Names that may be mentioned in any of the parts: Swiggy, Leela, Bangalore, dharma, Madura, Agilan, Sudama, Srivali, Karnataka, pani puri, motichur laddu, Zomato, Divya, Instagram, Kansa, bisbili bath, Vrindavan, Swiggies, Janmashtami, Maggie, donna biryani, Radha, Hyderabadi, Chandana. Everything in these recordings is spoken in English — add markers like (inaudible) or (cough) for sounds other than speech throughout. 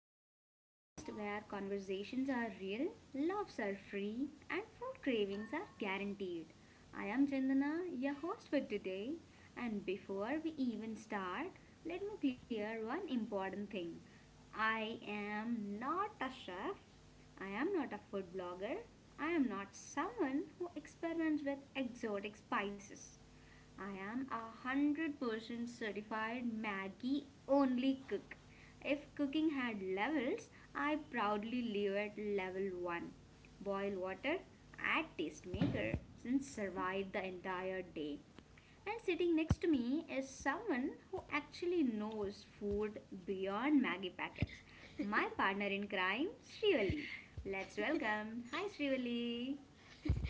to our podcast where conversations are real, loves are free, and food cravings are guaranteed. I am Chandana, your host for today. And before we even start, let me clear one important thing. I am not a chef, I am not a food blogger, I am not someone who experiments with exotic spices. I am a 100% certified Maggie only cook. If cooking had levels, I proudly live at level 1. Boil water, add taste maker, and survive the entire day. And sitting next to me is someone who actually knows food beyond Maggie packets. My partner in crime, Srivali. Let's welcome. Hi, Srivali.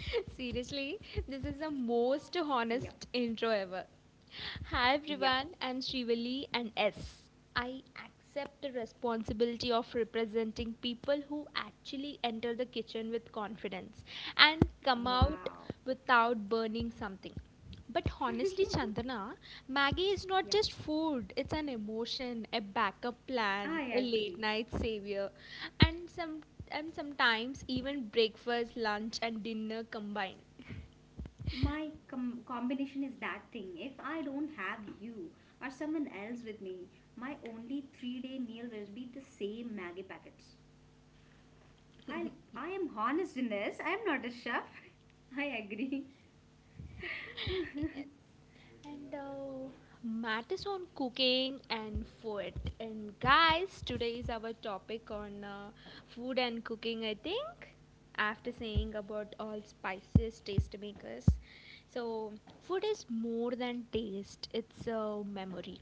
(laughs) Seriously, this is the most Yep, honest intro ever. Hi yep. everyone, I'm Srivali and S. I accept the responsibility of representing people who actually enter the kitchen with confidence and come out Wow. without burning something. But honestly, (laughs) Chandana, Maggie is not Yep. just food, it's an emotion, a backup plan, a I late agree. night savior, and some and sometimes even breakfast, lunch, and dinner combined. Combination is that thing. If I don't have you or someone else with me, my only 3-day meal will be the same Maggie packets. I am honest in this. I am not a chef. (laughs) I agree. Yes. And matters on cooking and food. And guys, today is our topic on food and cooking, I think. After saying about all spices, taste makers. So, food is more than taste, it's a memory.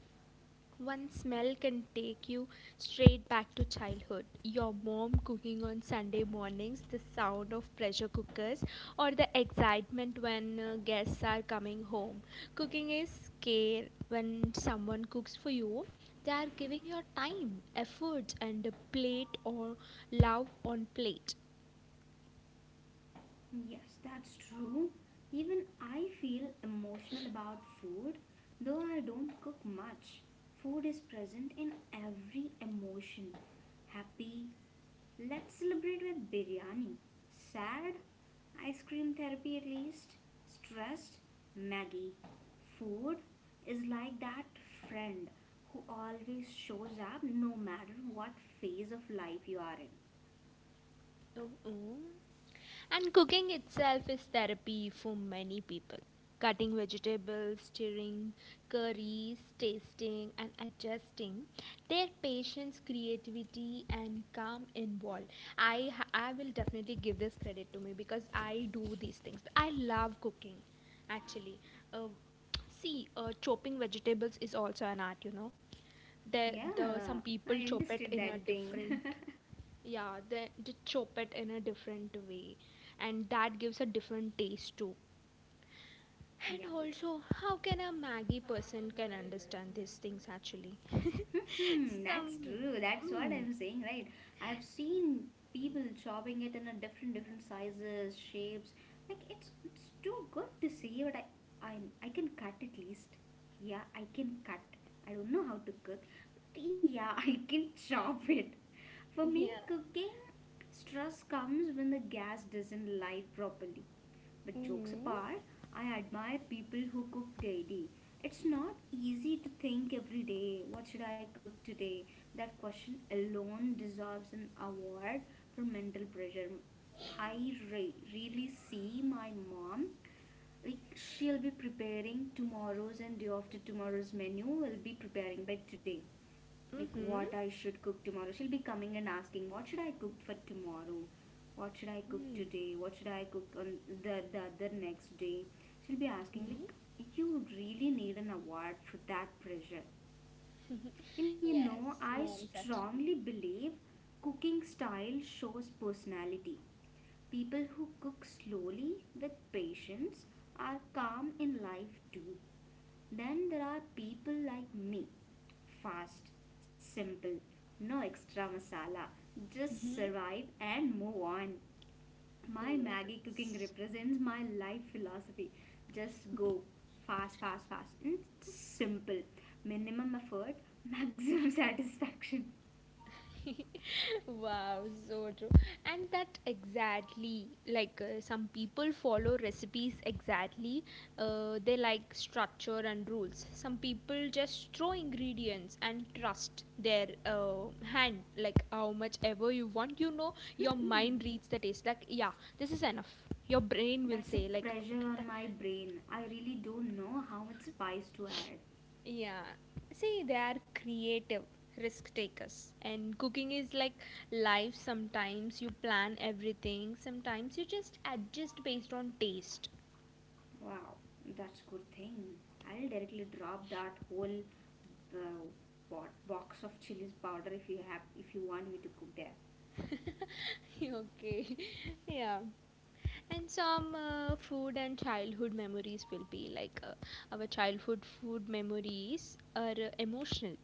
One smell can take you straight back to childhood. Your mom cooking on Sunday mornings, the sound of pressure cookers, or the excitement when guests are coming home. Cooking is care when someone cooks for you. They are giving your time, effort, and a plate or love on plate. Yes, that's true. Even I feel emotional about food, though I don't cook much. Food is present in every emotion, happy. Let's celebrate with biryani. Sad, ice cream therapy at least. Stressed, Maggie. Food is like that friend who always shows up no matter what phase of life you are in. Oh, oh. And cooking itself is therapy for many people. Cutting vegetables, stirring curries, tasting, and adjusting. Their patience, creativity, and calm involved. I will definitely give this credit to me because I do these things. I love cooking, actually. Uh, See, chopping vegetables is also an art. You know, there Yeah, the some people I chop it understood in a that thing. different, yeah, then just chop it in a different way, and that gives a different taste too. And (laughs) Yeah. also, how can a Maggie person can understand these things actually? (laughs) Hmm, that's Some, true. That's what mm, I'm saying, right? I've seen people chopping it in a different sizes, shapes. Like it's too good to see, but I I, I can cut at least. Yeah, I can cut. I don't know how to cook, but yeah, (laughs) I can chop it. For me, yeah, cooking stress comes when the gas doesn't light properly. But jokes mm-hmm, apart, I admire people who cook daily. It's not easy to think every day, what should I cook today? That question alone deserves an award for mental pressure. I Really see my mom, like she'll be preparing tomorrow's and day after tomorrow's menu will be preparing by today, like mm-hmm, what I should cook tomorrow. She'll be coming and asking, "What should I cook for tomorrow? What should I cook mm-hmm. today? What should I cook on the other next day?" She'll be asking like, "You really need an award for that pressure." And you know, Yes, I moms actually. strongly believe cooking style shows personality. People who cook slowly with patience are calm in life too. Then there are people like me. Fast, simple, no extra masala. Just survive and move on. My Maggie cooking Yes. represents my life philosophy. Just go fast, fast, fast. And it's just simple. Minimum effort, maximum (laughs) satisfaction. (laughs) Wow, so true. And that exactly like some people follow recipes exactly. They like structure and rules. Some people just throw ingredients and trust their hand. Like how much ever you want, you know, your Hmm, mind reads the taste. Like yeah, this is enough. Your brain will that's a say like pressure okay. on my brain. I really don't know how much spice to add. Yeah. See, they are creative, risk takers. And cooking is like life. Sometimes you plan everything, sometimes you just adjust based on taste. Wow, that's good thing. I'll directly drop that whole uh, what box of chilies powder if you have, if you want me to cook there. (laughs) Okay. Yeah. And some food and childhood memories will be like our childhood food memories are emotional.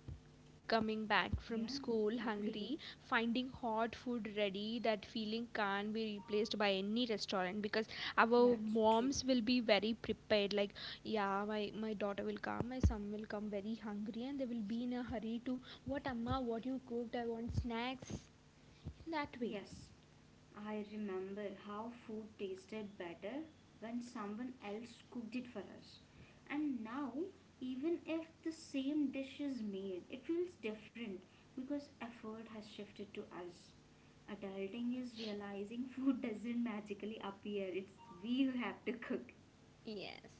Coming back from Yeah, school agree, hungry, finding hot food ready, that feeling can't be replaced by any restaurant because our that's true. moms will be very prepared. Like, yeah, my daughter will come, my son will come very hungry, and they will be in a hurry to what, Amma, what you cooked? I want snacks. In that way. Yes, I remember how food tasted better when someone else cooked it for us, and now even if the same dish is made it feels different, because effort has shifted to us. Adulting is realizing (laughs) food doesn't magically appear, it's we who have to cook. Yes.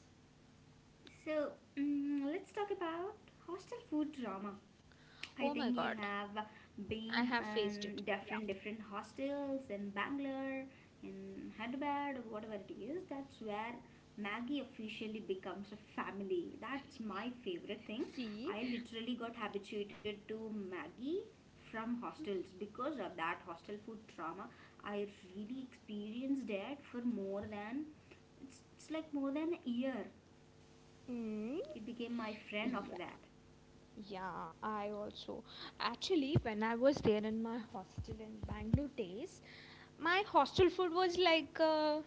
So, let's talk about hostel food drama. I Oh my think you god. have I been have faced in it. Yeah. different hostels in Bangalore, in Hyderabad, or whatever it is. That's where Maggie officially becomes a family. That's my favorite thing. See? I literally got habituated to Maggie from hostels because of that hostel food drama. I really experienced that for more than, it's like more than a year Mm. it became my friend after that. Yeah, I also. Actually, when I was there in my hostel in Bangalore days, my hostel food was like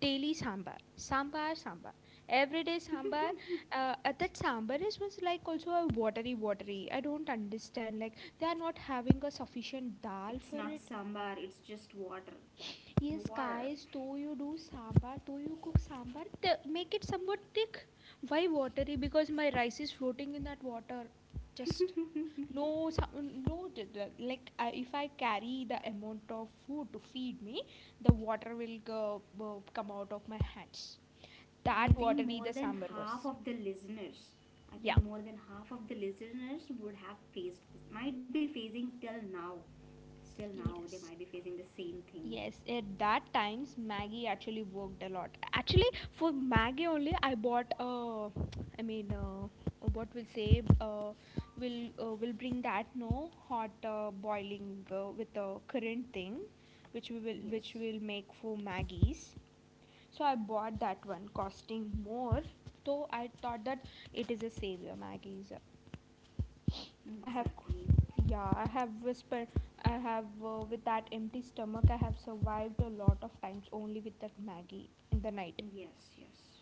daily sambar. Everyday sambar. That sambar is was like also a watery, watery. I don't understand. Like they are not having a sufficient dal It's for not it. sambar, it's just water. Yes, War. guys, though you do sambar, though you cook sambar, make it somewhat thick. Why watery? Because my rice is floating in that water. Just no, no, like I if I carry the amount of food to feed me, the water will come out of my hands. I That think watery more the than sambar was. half of the listeners, I think Yeah. more than half of the listeners would have faced, might be facing till now. Still now, they might be Yes. facing the same thing. Yes, at that times Maggie actually worked a lot. Actually, for Maggie only, I bought. I mean, what we'll say, will bring that no hot boiling with a current thing, Yes, which will make for Maggie's. So I bought that one, costing more. Though I thought that it is a savior Maggie's. I have, exactly. yeah, I have whispered. I have, with that empty stomach, I have survived a lot of times only with that Maggie in the night. Yes, yes,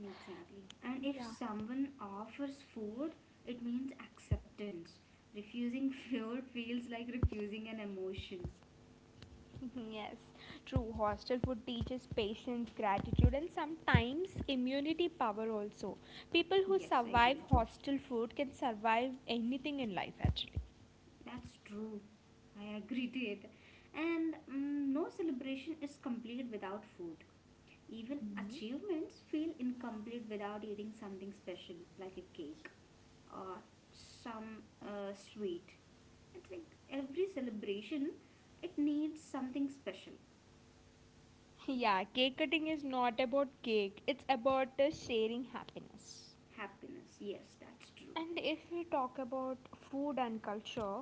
exactly. And if someone offers food, it means acceptance. Refusing (laughs) food feels like refusing an emotion. (laughs) Yes, true. Hostel food teaches patience, gratitude, and sometimes immunity power also. People who Yes, I survive agree. hostel food can survive anything in life actually. That's true. I agree to it. And no celebration is complete without food. Even Mhm. achievements feel incomplete without eating something special, like a cake or some sweet. It's like every celebration, it needs something special. (laughs) Yeah, cake cutting is not about cake, it's about sharing happiness. Happiness. Yes, that's true. And if we talk about food and culture,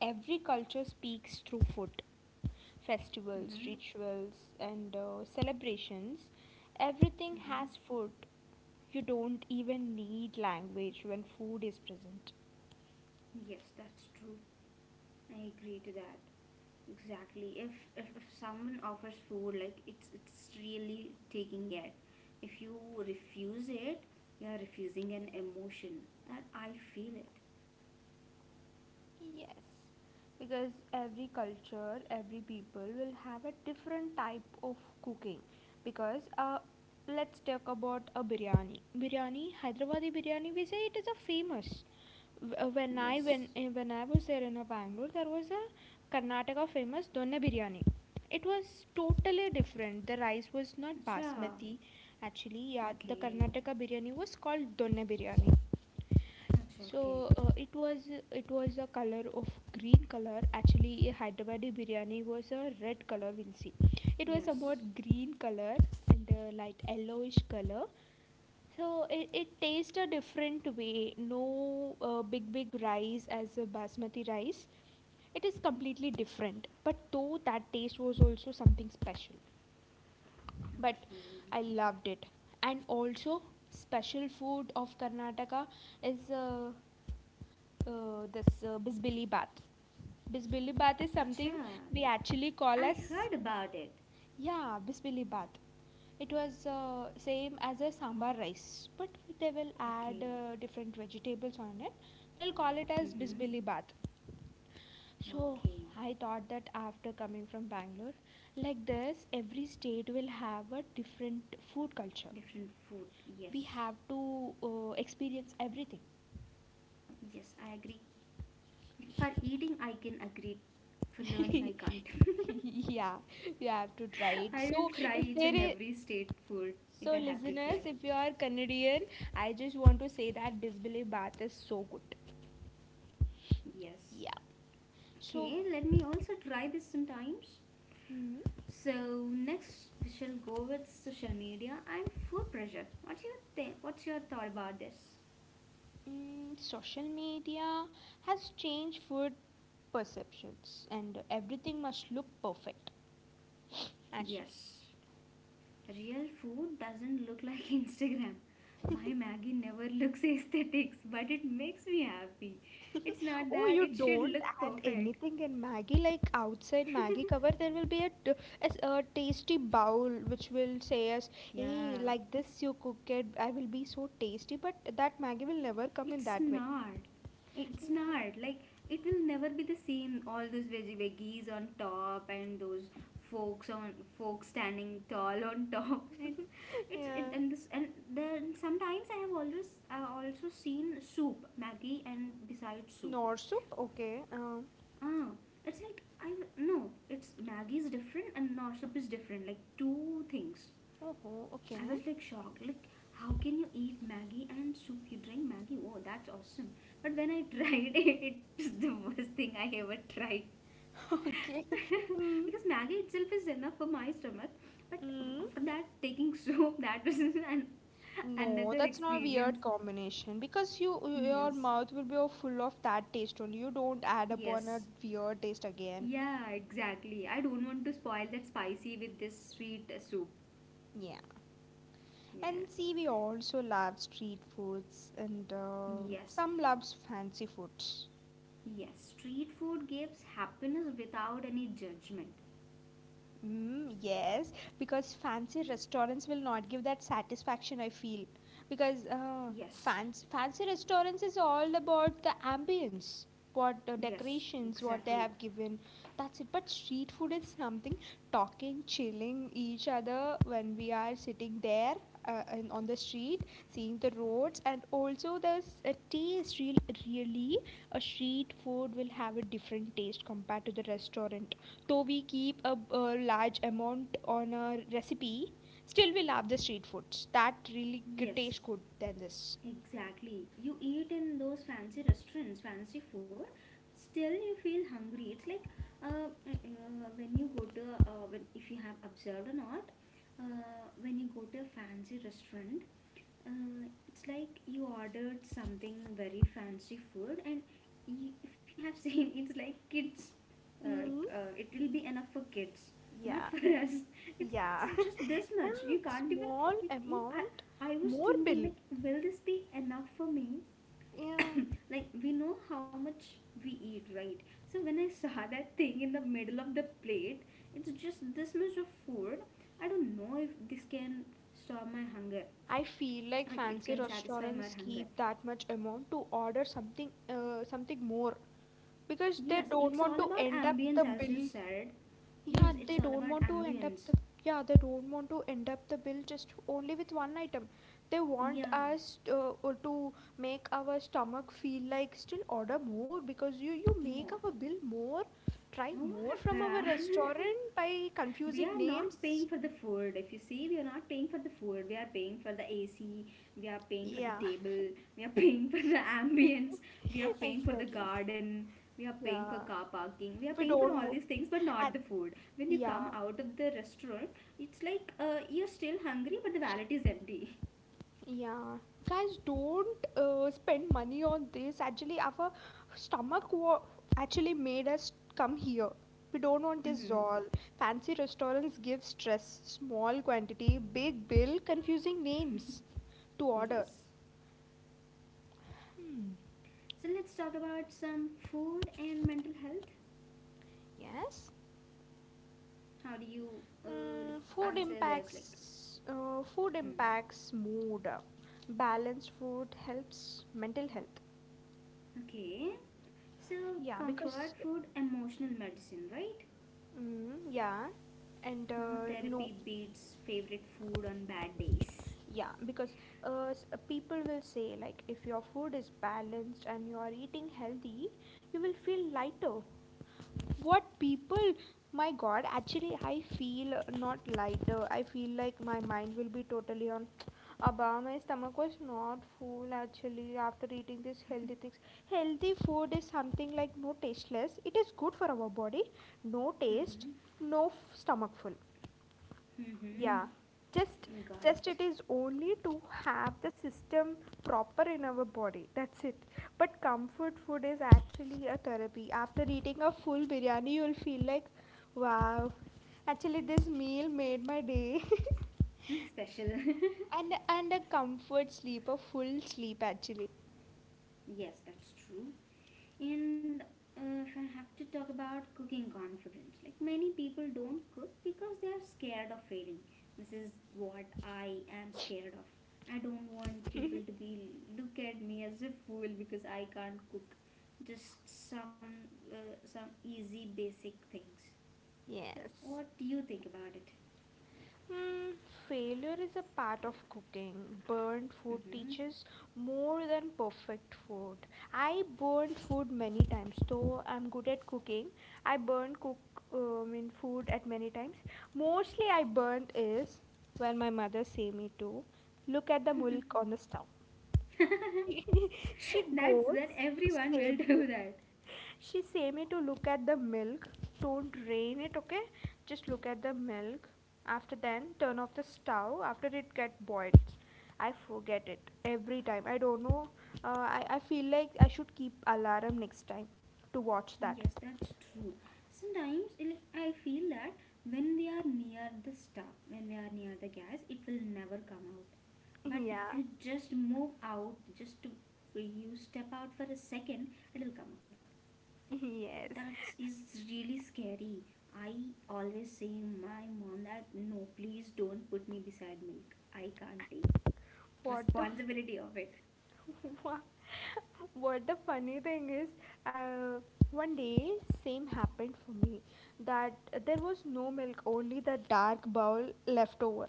every culture speaks through food. Festivals, Mm-hmm. rituals, and celebrations, everything Mm-hmm. has food. You don't even need language when food is present. Yes, that's true. I agree to that. Exactly. If someone offers food, like it's really taking it. If you refuse it, you are refusing an emotion. That I feel it. Yes, because every culture, every people will have a different type of cooking. Because let's talk about a biryani. Biryani, Hyderabadi biryani, we say it is a famous. Yes. When I was there in Bangalore, there was a Karnataka famous donna biryani. It was totally different. The rice was not Acha. basmati. Actually, yeah, the Okay. Karnataka biryani was called donna biryani, Acha. so Okay. It was, it was a color of green color, actually a Hyderabadi biryani was a red color we'll see, it was Yes. somewhat green color and light yellowish color. So it tastes a different way, no big big rice as a basmati rice. It is completely different but though that taste was also something special, Okay. but I loved it. And also, special food of Karnataka is this bisbili bath. Bisbili bath is something Acha. we actually I call heard as, about it. yeah, bisbili bath. It was same as a sambar rice, but they will add Okay. Different vegetables on it. They'll call it as Mhm. bisbili bath. So Okay. I thought that after coming from Bangalore, like this, every state will have a different food culture. Different food. Yes. We have to experience everything. Yes. I agree. For eating, I can agree. For learning, I can't. (laughs) (laughs) Yeah, you have to try it. I will So try if each there and is, every state food if so I have to listeners, try. if you are Canadian, I just want to say that bisbili bath is so good. Yes. Yeah. So, Okay, let me also try this sometimes. mm, So next we shall go with social media and food pressure. What's your thought about this? mm, social media has changed food perceptions and everything must look perfect actually. Yes. Real food doesn't look like (laughs) Instagram. My Maggie never (laughs) looks aesthetics, but it makes me happy. It's (laughs) not Oh, that you it should don't look add perfect. anything in Maggie. Like outside Maggie cover, (laughs) there will be a, a tasty bowl which will say us, "Hey, Yeah. like this you cook it. I will be so tasty." But that Maggie will never come in It's that way. not. It's Yeah, not. Like it will never be the same. All those veggies on top and those folks on folks standing tall on top (laughs) and (laughs) it's it yeah. and this and then sometimes I have always I also seen soup Maggie and beside soup. Nor soup. Okay. Ah, it's like I no. It's Maggie is different and no is different. Like two things. Oh, oh, okay. I was like shocked. Like, how can you eat maggi and soup? You drink maggi. Oh, that's awesome. But when I tried (laughs) it, it's the worst thing I ever tried. (laughs) okay. (laughs) Mm. because maggi itself is enough for my stomach. But Mm. after that, taking soup, (laughs) that was an, No, another that's not a weird experience. combination because you, your Yes. mouth will be all full of that taste only. You don't add upon a Yes. weird taste again. Yeah, exactly. I don't want to spoil that spicy with this sweet soup. Yeah, and Yeah. see, we also love street foods, and Yes. some loves fancy food. Yes. Street food gives happiness without any judgment. Mm, yes, because fancy restaurants will not give that satisfaction, I feel. Because Yes. fancy restaurants is all about the ambience, what the Yes, decorations, what they exactly. have given. That's it. But street food is something, talking, chilling each other when we are sitting there in, on the street, seeing the roads, and also there's a taste. Real, really, a street food will have a different taste compared to the restaurant, though we keep a large amount on a recipe, still we love the street foods. That really tastes Yes, good than this. exactly. You eat in those fancy restaurants, fancy food, still you feel hungry. It's like when you go to, when, if you have observed or not, uh, when you go to a fancy restaurant, it's like you ordered something very fancy food, and you, if you have (laughs) seen, it's like kids. Mm, It will be enough for kids, yeah, not for (laughs) us. It's yeah, it's (laughs) just this yeah. much. You can't even. Small It, amount, I was more thinking bill. like, will this be enough for me? Yeah, Like we know how much we eat, right? So when I (laughs) saw that thing in the middle of the plate, it's just this much of food. I don't know if this can stop my hunger, I feel like like it fancy can satisfy my restaurants hunger. keep that much amount to order something, something more, because Yes, they it's don't all want to about end up ambience, the as you bill, said. Yes, yeah it's they all don't about want to end up ambience. the, yeah they don't want to end up the bill just only with one item. They want Yeah, us to make our stomach feel like still order more because you more. make our bill more, try more What the from our restaurant by (laughs) we confusing are not names. paying for the food, if you see we are not paying for the food, we are paying for the AC, we are paying for the Yeah. table, we are (laughs) paying for the (laughs) ambience, we are (laughs) paying for the Exactly. garden, we are paying for Yeah, car parking, we are we paying for all don't wo- these things but not at, the food. When you come yeah. out of the restaurant, it's like you're still hungry but the wallet is empty. (laughs) Yeah, guys, don't spend money on this. Actually, our stomach wa- actually made us come here. We don't want this Mhm. all. Fancy restaurants give stress, small quantity, big bill, confusing names to order. Yes. So let's talk about some food and mental health. Yes, How do you like, mm, food answer this? Like, impacts hmm. Mood. Balanced food helps mental health. Okay. So Yeah, comfort because food, emotional medicine, right? mm, yeah, and No no. therapy beats favorite food on bad days. Yeah, because people will say, like, if your food is balanced and you are eating healthy, you will feel lighter. What people, my god, actually, I feel not lighter. I feel like my mind will be totally on. (tsk) Abba, my stomach was not full actually after eating these healthy things. Healthy food is something like no tasteless. It is good for our body, no taste, Mm-hmm. no f- stomach full. Yeah, Mm-hmm. just Got just it. it is only to have the system proper in our body. That's it. But comfort food is actually a therapy. After eating a full biryani, you'll feel like, wow, actually this meal made my day. (laughs) Hmm, special. And a comfort sleep, a full sleep actually. (laughs) Yes, that's true. And if I have to talk about cooking confidence, like many people don't cook because they are scared of failing. This is what I am scared of. I don't want people to be look at me as a fool because I can't cook just some easy basic things. So Yes. what do you think about it? Mm, failure is a part of cooking. Burnt food Hmm. teaches more than perfect food. I burnt food many times, though I'm good at cooking. I burnt cook in food at many times. Mostly I burnt is when my mother say me to look at the milk on the stove. She, (laughs) she (laughs) That's goes, that she everyone save will (laughs) do that. she say me to look at the milk. Don't drain it, okay? Just look at the milk. After then, turn off the stove after it get boiled. I forget it every time. I don't know. I feel like I should keep alarm next time to watch that. Yes, that's true. Sometimes like, I feel that when we are near the star, when we are near the gas, it will never come out. But if Yeah. you just move out, you step out for a second, it will come out. (laughs) Yes. That is really scary. I always say my mom that no, please don't put me beside milk. I can't take What the f- responsibility of it. (laughs) what what the funny thing is, uh, one day same happened for me that there was no milk, only the dark bowl left over.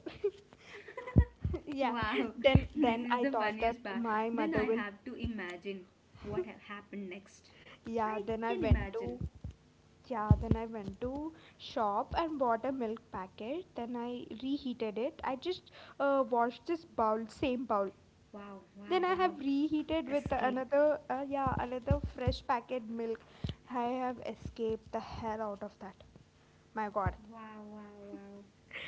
(laughs) Yeah, Wow, then (laughs) this then is I the thought that funniest part. my Then I mother will. have to imagine what (laughs) have happened next. Yeah, I can imagine. Then I went to shop and bought a milk packet. Then I reheated it. I just washed this bowl, same bowl. Wow, wow, Then I wow. have reheated with Escape. another fresh packet milk. I have escaped the hell out of that. My God. Wow, wow, (laughs) wow.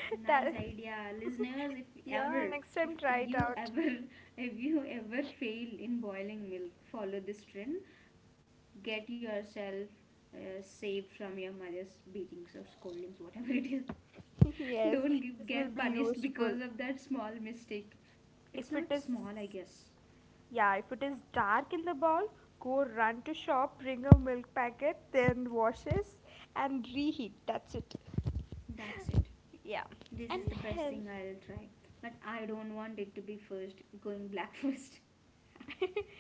Nice that idea. (laughs) Listeners, if ever, yeah. Next if time, try it you out. ever, (laughs) if you ever fail in boiling milk, follow this trend. Get yourself saved from your mother's beatings or scoldings, whatever it is. (laughs) (laughs) Yes, Don't give, this will get be punished useful. because of that small mistake. It's If it not is, small, I guess. yeah, if it is dark in the bowl, go run to shop, bring a milk packet, then washes and reheat. That's it. That's it. (laughs) Yeah. This And is the best health. thing I'll try. But I don't want it to be first, going black (laughs) first. (laughs)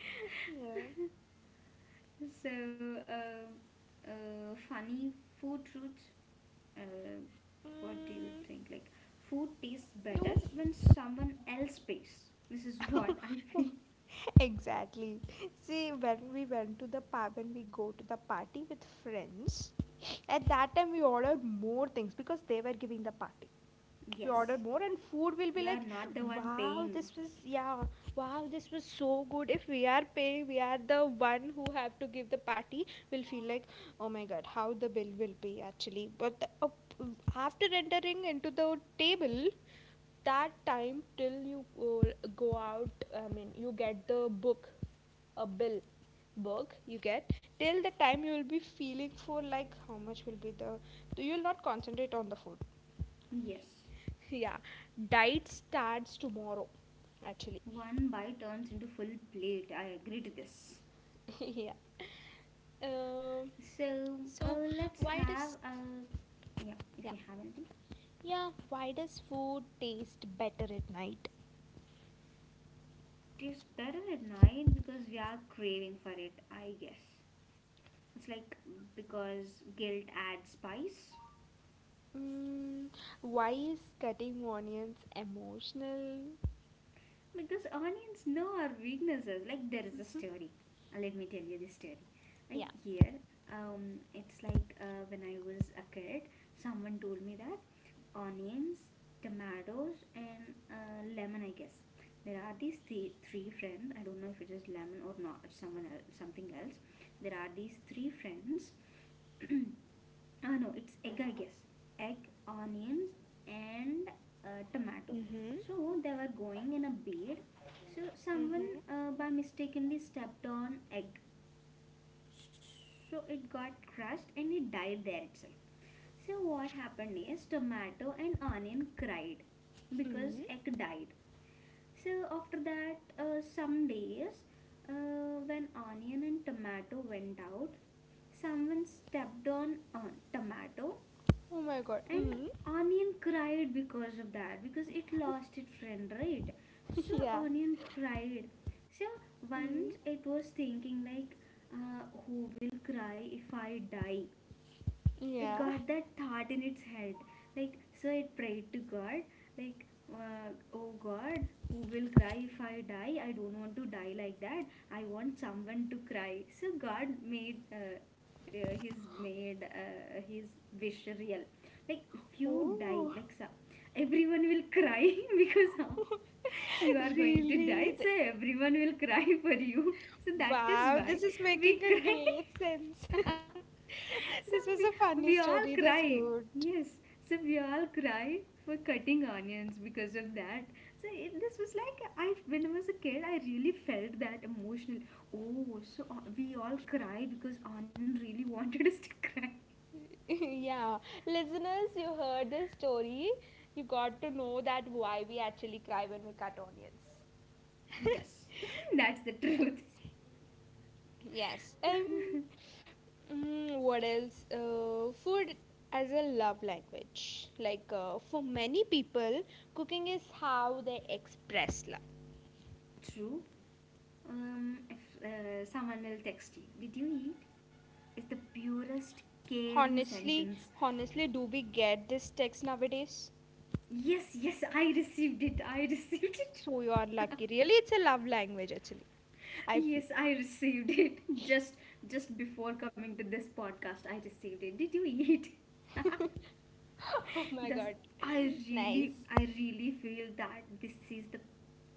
Yeah. So, funny food truths. Uh, what do you Mm, think? Like, food tastes better you when someone else pays. This is (laughs) what I feel. (laughs) exactly. See, when we went to the pub, when we go to the party with friends, at that time we ordered more things because they were giving the party. We Yes, order more and food we will be are like, not the one wow, paying. this was, yeah, wow, this was so good. If we are paying, we are the one who have to give the party, we'll feel like, oh my God, how the bill will be actually. But after entering into the table, that time till you go out, I mean, you get the book, a bill book you get, till the time you will be feeling for like how much will be the, you'll not concentrate on the food. Yes, Yeah, diet starts tomorrow actually. one bite turns into full plate. I agree to this. (laughs) Yeah. um, So so let's why have does, a yeah. If you yeah, have anything, yeah, why does food taste better at night? it tastes better at night because we are craving for it. I guess it's like because guilt adds spice. Mm, why is cutting onions emotional? Because onions know our weaknesses. Like there is a story. Let me tell you this story. I Yeah. here, it's like when I was a kid, someone told me that onions, tomatoes, and lemon, I guess. There are these three friends. I don't know if it is lemon or not, someone else, something else. There are these three friends. (clears throat) ah, no, it's egg, I guess. Egg, onions, and tomato. Mm-hmm. So they were going in a bed. So someone Mm-hmm. By mistakenly stepped on egg. So it got crushed and it died there itself. So what happened is tomato and onion cried because Mm-hmm. egg died. So after that, some days when onion and tomato went out, someone stepped on tomato Oh my God. and Hmm. onion cried because of that because it lost its friend, right? So (laughs) Yeah. onion cried. So Hmm. once it was thinking like, who will cry if I die? It Yeah. got that thought in its head like, so it prayed to God like, uh, oh God, who will cry if I die? I don't want to die like that. I want someone to cry. So God made, his wish real. Like if you die, Oh. like so everyone will cry (laughs) because, you (laughs) are going to die, Really? so everyone will cry for you. (laughs) So that is Wow, why this is we making (laughs) a cry. great sense. (laughs) So This we, was a we funny all story. That's cry. good. (laughs) Yes. So we all cry for cutting onions because of that. So this was like, I when I was a kid, I really felt that emotional. Oh, so we all cry because Anand really (laughs) wanted us to cry. Yeah, listeners, you heard this story. You got to know that why we actually cry when we cut onions. Yes, (laughs) (laughs) that's the truth. Yes. Yes. What else? Food as a love language. Like, for many people, cooking is how they express love. True. If someone will text you, did you eat? Is the purest caring honestly sentence. Honestly, do we get this text nowadays? Yes, yes, I received it. I (laughs) received it. So you are lucky, really. It's a love language actually, I feel. Yes, I received it (laughs) just before coming to this podcast. I received it. Did you eat? (laughs) (laughs) Oh my Thus, God. Nice. I really feel that this is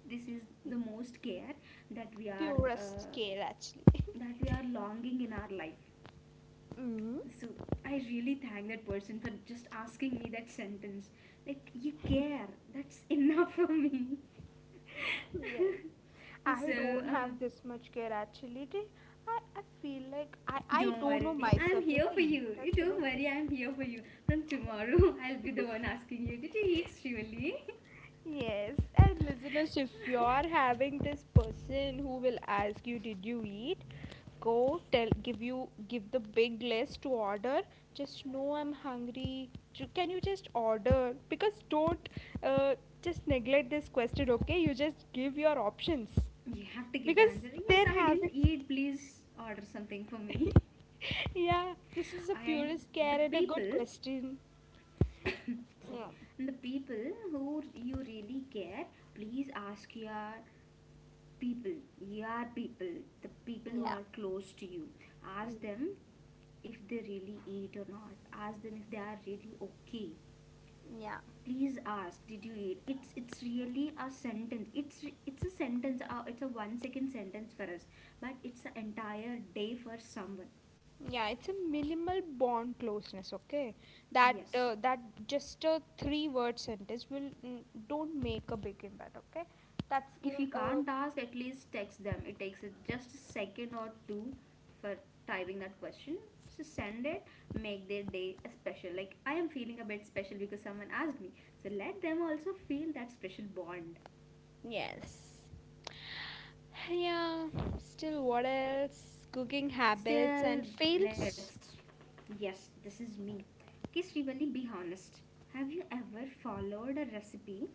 this is the most care that we are, Purest care actually. (laughs) Longing in our life. Hmm. So I really thank that person for just asking me that sentence. Like you care. That's enough (laughs) for me. Yes, (laughs) I So don't have this much care actually. Re- I feel like I don't don't know worry, I'm myself. Did here I for eat you. You don't actually? worry, I'm here for you. From tomorrow, (laughs) I'll be the one asking you, did you eat, Shivali? Yes, and listeners, if you're having this person who will ask you, "Did you eat?" Go tell, give you, give the big list to order. Just know I'm hungry. Ju- Can you just order? Because don't uh, just neglect this question. Okay, you just give your options (laughs) You have to give the because answer, yes, they're I didn't having. eat. Please order something for me. (laughs) Yeah, this is (laughs) a And purest the care and a good people, question. sorry, Yeah. and the people who you really care, please ask your people, the people who Yeah. are close to you. Ask Mm. them if they really eat or not. Ask them if they are really okay. Yeah. Please ask, did you eat? It's really a sentence. It's a sentence. It's a 1 second sentence for us, but it's an entire day for someone. Yeah, it's a minimal bond closeness, okay? That, Yes, just a three word sentence will, mm, don't make a big impact, okay? That's if give you a, can't ask, at least text them. It takes it just a second or two for typing that question. So send it. Make their day a special. Like I am feeling a bit special because someone asked me, so let them also feel that special bond. yes, yeah. Still what else? Cooking habits and Still, fails? let's. Yes, this is me. Okay, Srivali, be honest. Have you ever followed a recipe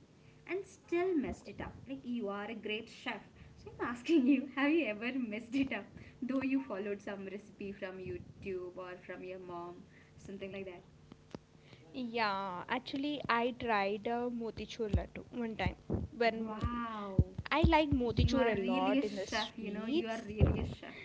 and still messed it up? Like, you are a great chef. So, I'm asking you, have you ever messed it up? Though you followed some recipe from YouTube or from your mom, something like that. Yeah, actually I tried a motichur laddu one time, when Wow, I like you motichur are a lot really a in the chef, you know, you sweets. are really a chef.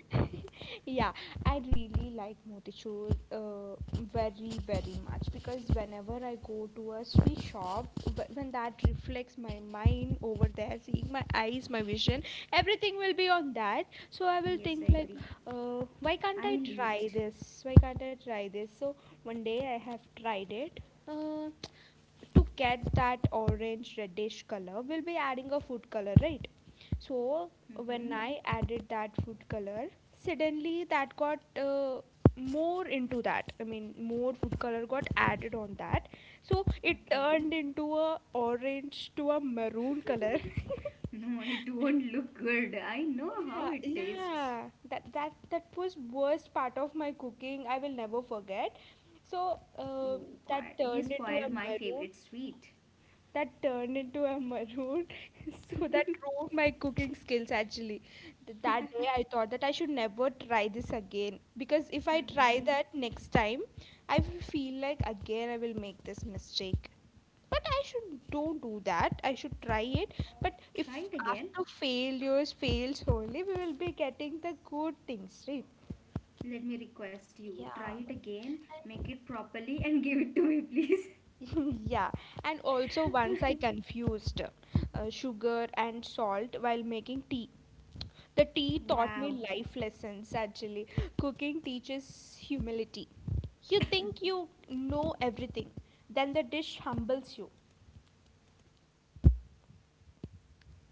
Yeah, I really like motichur. uh, Very very much because whenever I go to a sweet shop, wh- when that reflects my mind over there, seeing my eyes, my vision, everything will be on that. So I will Yes, I think like, agree. Why can't I I will try eat. this? So one day I have tried it. uh, to get that orange reddish color, we'll be adding a food color, right? So when Mm-hmm. I added that food color, suddenly that got, more into that. I mean, more food color got added on that. So it Okay. turned into a orange to a maroon color. (laughs) No, it won't look good. I know how Yeah, it tastes. yeah. That was worst part of my cooking. I will never forget. So Oh God, that you turned into a spoiled my maroon. favorite sweet. That turned into a maroon. (laughs) So that ruined my cooking skills actually. Th- that day I thought that I should never try this again because if I try Mm-hmm. that next time, I will feel like again I will make this mistake. But I should don't do that, I should try it. But if Try it again. after failures, fails only, we will be getting the good things, right? Let me request you. Try Yeah, it again, make and it properly, and (laughs) give it to me, please. (laughs) yeah, and also once I confused sugar and salt while making tea. The tea (laughs) taught Wow, me life lessons actually. Cooking teaches humility. You think you know everything, then the dish humbles you.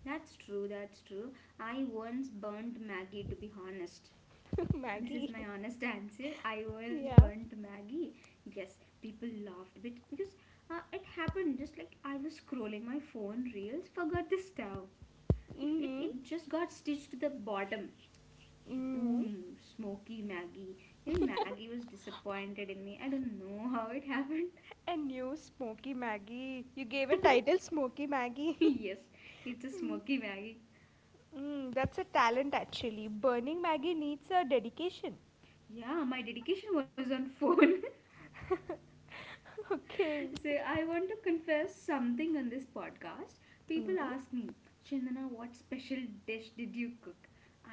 that's true, that's true. I once burnt Maggie, to be honest. (laughs) This is Maggie. my honest (laughs) answer. I once Yeah. burnt Maggie. Yes, people laughed a bit because it happened just like I was scrolling my phone reels, forgot the stove. It, it, Mm-hmm. it just got stitched to the bottom. Mm. Boom, Smoky Maggie. Even (laughs) Maggie was disappointed in me. I don't know (laughs) how it happened. A new Smoky (laughs) Maggie. You gave a title, Smoky (laughs) Maggie. (laughs) Yes, it's a Mm, Smoky Maggie. mm, that's a talent actually. Burning Maggie needs a dedication. Yeah, my dedication was on phone. (laughs) Okay. So I want to confess something on this podcast. People Mm. ask me, Chandana, what special dish did you cook?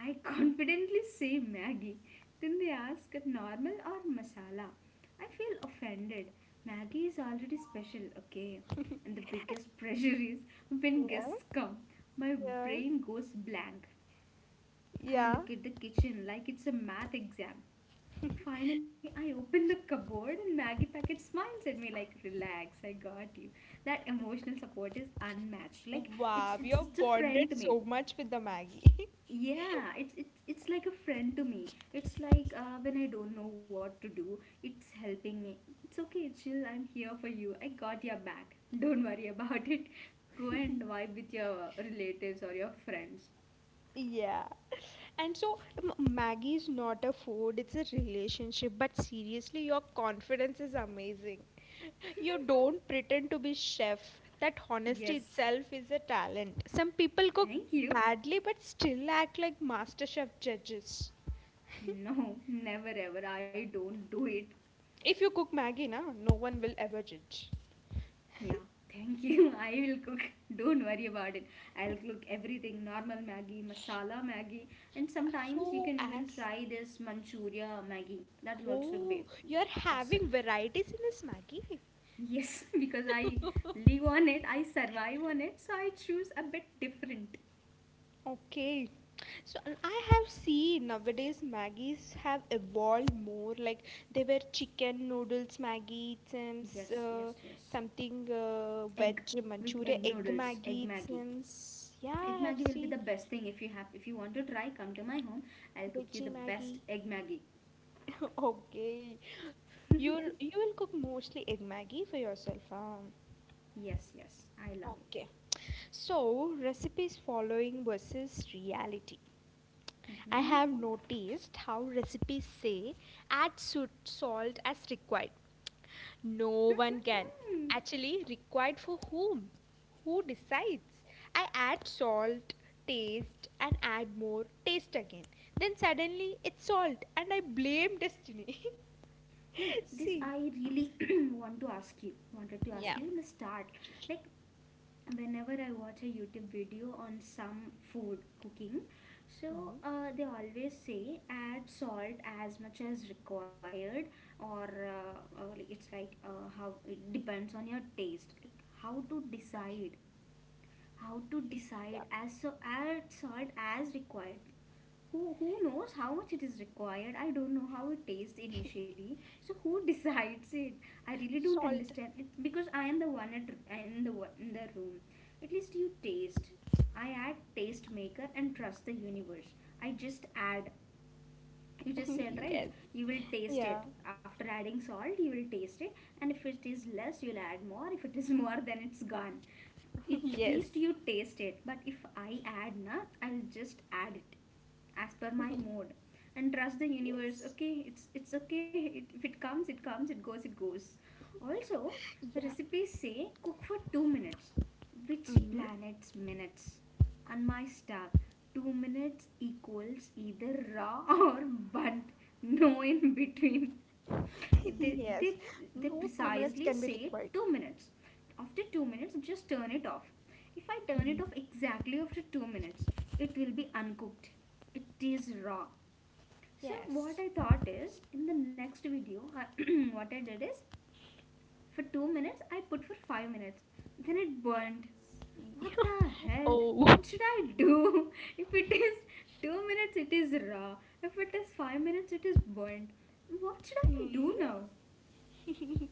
I (laughs) confidently say Maggie. Then they ask, normal or masala? I feel offended. Maggie is already special, okay? And the biggest (laughs) pressure is when Yeah. guests come, my Yeah. brain goes blank. Yeah. I look at the kitchen like it's a math exam. Finally, I opened the cupboard and Maggie Packet smiles at me like, "Relax, I got you." That emotional support is unmatched. Like Wow, you are it's a friend bonded to me. so much with the Maggie. (laughs) Yeah, it's it's like a friend to me. It's like when I don't know what to do, it's helping me. It's okay, chill. I'm here for you. I got your back. Don't worry (laughs) about it. Go and vibe with your relatives or your friends. Yeah. And so, m- Maggie is not a food, it's a relationship. But seriously, your confidence is amazing. You don't pretend to be chef. That honesty Yes, itself is a talent. Some people cook thank you. badly but still act like master chef judges. (laughs) No, (laughs) never ever. I don't do it. If you cook Maggie, na, no one will ever judge. Yeah, thank you. (laughs) I will cook. (laughs) Don't worry about it. I'll cook everything, normal Maggi, masala Maggi, and sometimes you So can even as, try this Manchuria Maggi. That will also be oh, you're awesome. having varieties in this Maggie. Yes, (laughs) because I (laughs) live on it, I survive on it, so I choose a bit different. Okay. So and I have seen nowadays Maggies have evolved more. Like, they were chicken noodles Maggie, some Yes, yes, uh, yes. something, Egg veg with egg Manchuria egg noodles, egg Maggie, Maggi. some, yeah, Egg I have Maggi will be seen the best thing. If you have, if you want to try, come to my home. I'll cook you veggie the best Maggie. egg Maggi. (laughs) Okay, you will cook mostly egg Maggie for yourself, huh? Yes, yes, I love it. Okay. So, recipes following versus reality. I Mm-hmm. have noticed how recipes say add su- salt as required. No one can. Hmm. Actually, required for whom? Who decides? I add salt, taste, and add more, taste again. Then suddenly it's salt, and I blame destiny. Like (laughs) this, See, I really (clears throat) want to ask you, wanted to ask yeah, you in the start, like whenever I watch a YouTube video on some food cooking, so they always say, add salt as much as required, or, like it's like, how it depends on your taste. Like how to decide, as so add salt as required. Who knows how much it is required? I don't know how it tastes yeah, initially, so who (laughs) decides it? I really (laughs) don't salt. understand it, because I am the one at in the room. At least you taste. I add taste maker and trust the universe. I just add, you just said, (laughs) right? Yes. You will taste Yeah, it. After adding salt, you will taste it, and if it is less, you'll add more. If it is (laughs) more, then it's gone. It (laughs) at yes, least you taste it. But if I add na, I'll just add it as per my mood and trust the universe. yes, Okay, it's okay, if it comes, it comes, it goes, it goes. Also, yeah. recipes say cook for 2 minutes. Which Hmm. planet's minutes? On my staff, 2 minutes equals either raw (laughs) or burnt. No in between. (laughs) they they Yes, they no 2 minutes precisely can be say required. 2 minutes. After 2 minutes, just turn it off. If I turn it off exactly after 2 minutes, it will be uncooked, it is raw. So Yes. what I thought is, in the next video, (clears throat) what I did is, for 2 minutes I put for 5 minutes, then it burned. What the (laughs) hell? Oh. What should I do? (laughs) If it is 2 minutes, it is raw. If it is 5 minutes, it is burnt. What should I Hmm. do now? (laughs)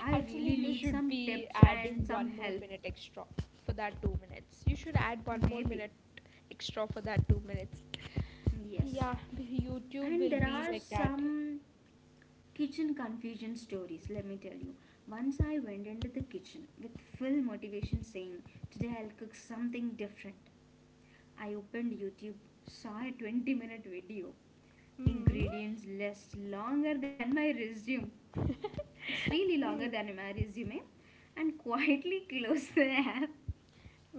I Actually, really you need should some be tips adding and some one more help. minute extra for that 2 minutes. You should add one more Maybe. minute extra for that 2 minutes. Yes. Yeah, b- YouTube And will there be are like that. some kitchen confusion stories, let me tell you. Once I went into the kitchen with full motivation, saying, today I'll cook something different. I opened YouTube, saw a 20-minute video, Hmm. ingredients list longer than my resume. (laughs) It's really longer Hmm. than my resume, and quietly (laughs) closed the app.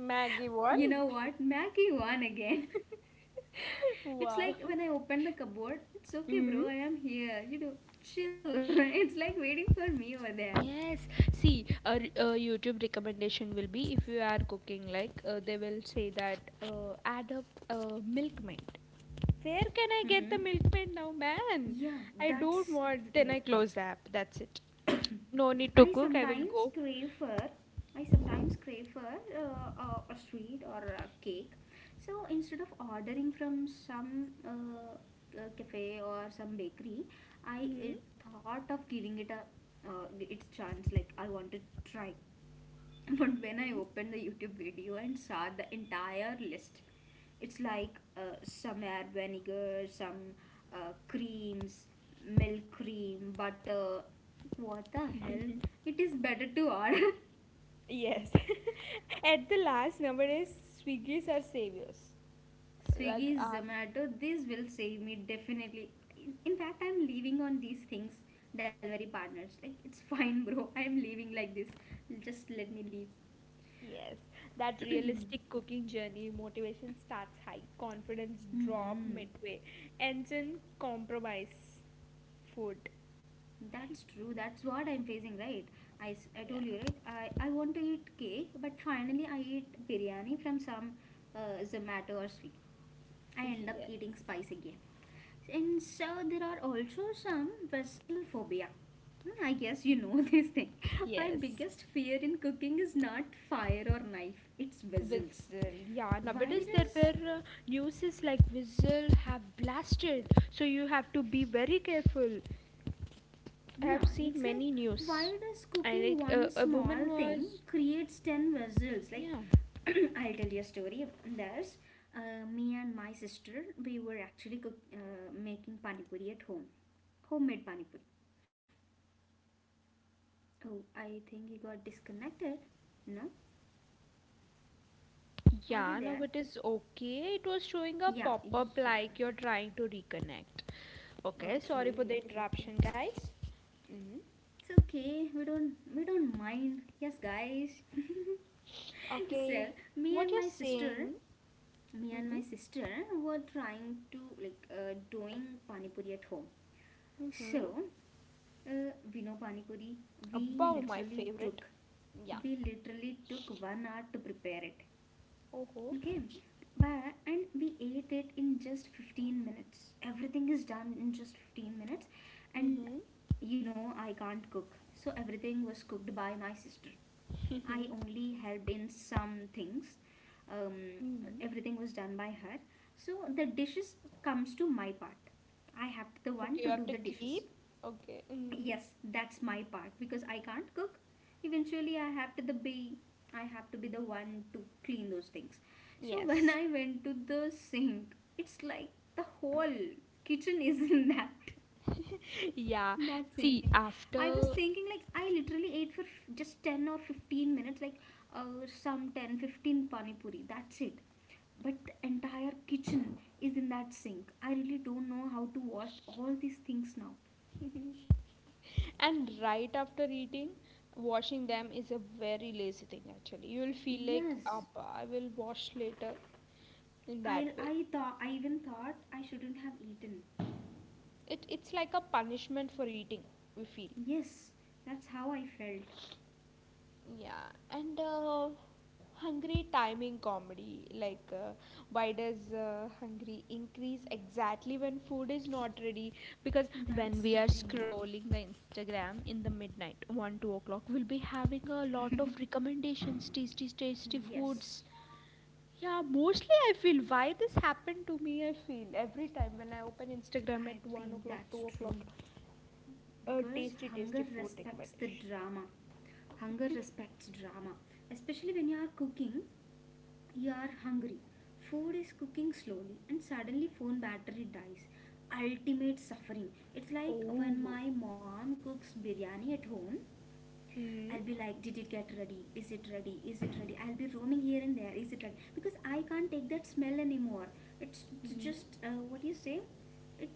Maggie You one. know what? Maggie won again. (laughs) It's Wow. like when I open the cupboard, it's okay, bro, Hmm. I am here. You do chill. (laughs) It's like waiting for me over there. Yes, see, a, r- a YouTube recommendation will be if you are cooking, like, they will say that, add up, milk maid. Where can I get Mm-hmm. the milk maid now, man? Yeah, I don't that's the want. Then thing. I close the app. That's it. No need to I cook. I will sometimes go. crave for. I sometimes crave for a sweet or a cake. So instead of ordering from some, cafe or some bakery, I Hmm. Thought of giving it a its chance. Like I want to try. (laughs) But when I opened the YouTube video and saw the entire list, it's like some add vinegar, some, creams, milk cream, butter. What the hell? It is better to order. (laughs) Yes. (laughs) At the last, nowadays, Swiggies are saviors. Like, Swiggy, Zomato, this will save me definitely. In fact, I'm leaving on these things, delivery partners. Like, it's (laughs) fine, bro. I'm leaving like this. Just let me yes, that leave. realistic (clears throat) cooking journey, motivation starts high, confidence drop hmm. midway, ends in compromise food. That's true. That's what I'm facing, right? I told you, Yeah. right? I want to eat cake, but finally I eat biryani from some uh, Zomato or Swiggy. I end (laughs) up Yes, eating spice again. And so there are also some vessel phobia. Hmm, I guess you know (laughs) this thing. My yes. biggest fear in cooking is not fire or knife, it's vessels. Whistle, yeah. Why Nowadays there does. were, newses like whistle have blasted, so you have to be very careful. I No, have it's seen like many why news, does and cooking like, one a small woman thing was, creates 10 vessels like yeah. (coughs) (clears throat) I'll tell you a story. There's me and my sister. We were actually making pani puri at home, homemade pani puri. Oh, I think he got disconnected. No, are you Yeah, now there? it is okay. It was showing a Yeah, pop up yeah, fine. like you're trying to reconnect. Okay, sorry for Okay, the okay, okay. interruption, guys. Mm. It's okay. We don't mind. Yes, guys. (laughs) so Okay, me what and you're my sister, saying, me and mm, my sister were trying to like doing pani puri at home. So mm-hmm, we know pani puri. We about my literally took favorite. Yeah. we literally took 1 hour to prepare it. Oh. Okay, but and we ate it in just 15 minutes. Everything is done in just 15 minutes, and Mm-hmm. you know I can't cook, so everything was cooked by my sister. I only helped in some things. Um, Mm-hmm. everything was done by her, so the dishes comes to my part. I have the Okay, you one to have to do the clean. dishes. Okay. Mm. Yes, that's my part because I can't cook. Eventually I have to the be I have to be the one to clean those things. So (laughs) when Yes. I went to the sink, it's like the whole kitchen is in that (laughs) Yeah. (laughs) that sink. See, I was after thinking like I literally ate for just 10 or 15 minutes, like some 10, 15 pani puri, that's it. But the entire kitchen is in that sink. I really don't know how to wash all these things now. and right after eating, washing them is a very lazy thing actually. You will feel like, Yes, up, I will wash later, in that I, way. I thought, I even thought I shouldn't have eaten. It, it's like a punishment for eating, we feel. Yes, that's how I felt. Yeah, and hungry timing comedy. Like, why does, hungry increase exactly when food is not ready? Because when That's we the are thing. scrolling the Instagram in the midnight, 1 2 o'clock, we'll be having a lot of recommendations, tasty, tasty Yes, foods. Yeah, mostly I feel why this happened to me. I feel every time when I open Instagram at I one think o'clock, two that's o'clock, true a because tasty, hunger tasty food respects the recommendation. drama. Hunger respects drama, especially when you are cooking. You are hungry. Food is cooking slowly, and suddenly phone battery dies. Ultimate suffering. It's like when Oh. my mom cooks biryani at home, I'll Hmm. be like, did it get ready? Is it ready? Is it ready? I'll be roaming here and there. Is it ready? Because I can't take that smell anymore. It's Mm, just what do you say? It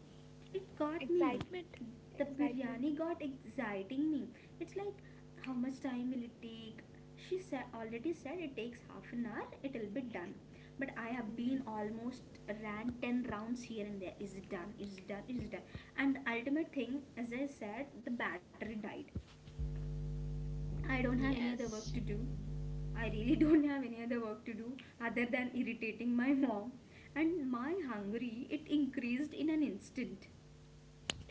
it got me. excitement, The excitement. biryani got exciting me. It's like how much time will it take? She said already said it takes half an hour. It'll be done. But I have been almost ran ten rounds here and there. Is it done? Is it done? Is it done? And the ultimate thing, as I said, the battery died. I don't have any other work Yes. to do. I really (laughs) don't have any other work to do other than irritating my mom. And my hungry, it increased in an instant.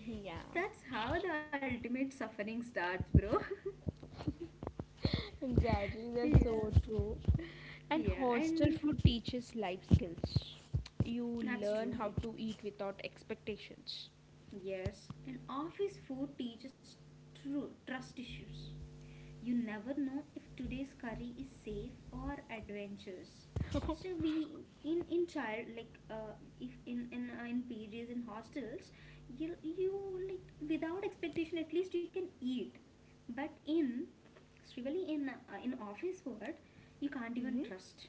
Yeah. That's how the ultimate suffering starts, bro. Exactly. (laughs) That's Yeah. so true. And Yeah, hostel and food teaches life skills. You that's learn true. how to eat without expectations. Yes. And office food teaches true trust issues. You never know if today's curry is safe or adventurous. So (laughs) we in child like if in PGs in hostels you like without expectation at least you can eat, but in strictly in office world you can't even Hmm. trust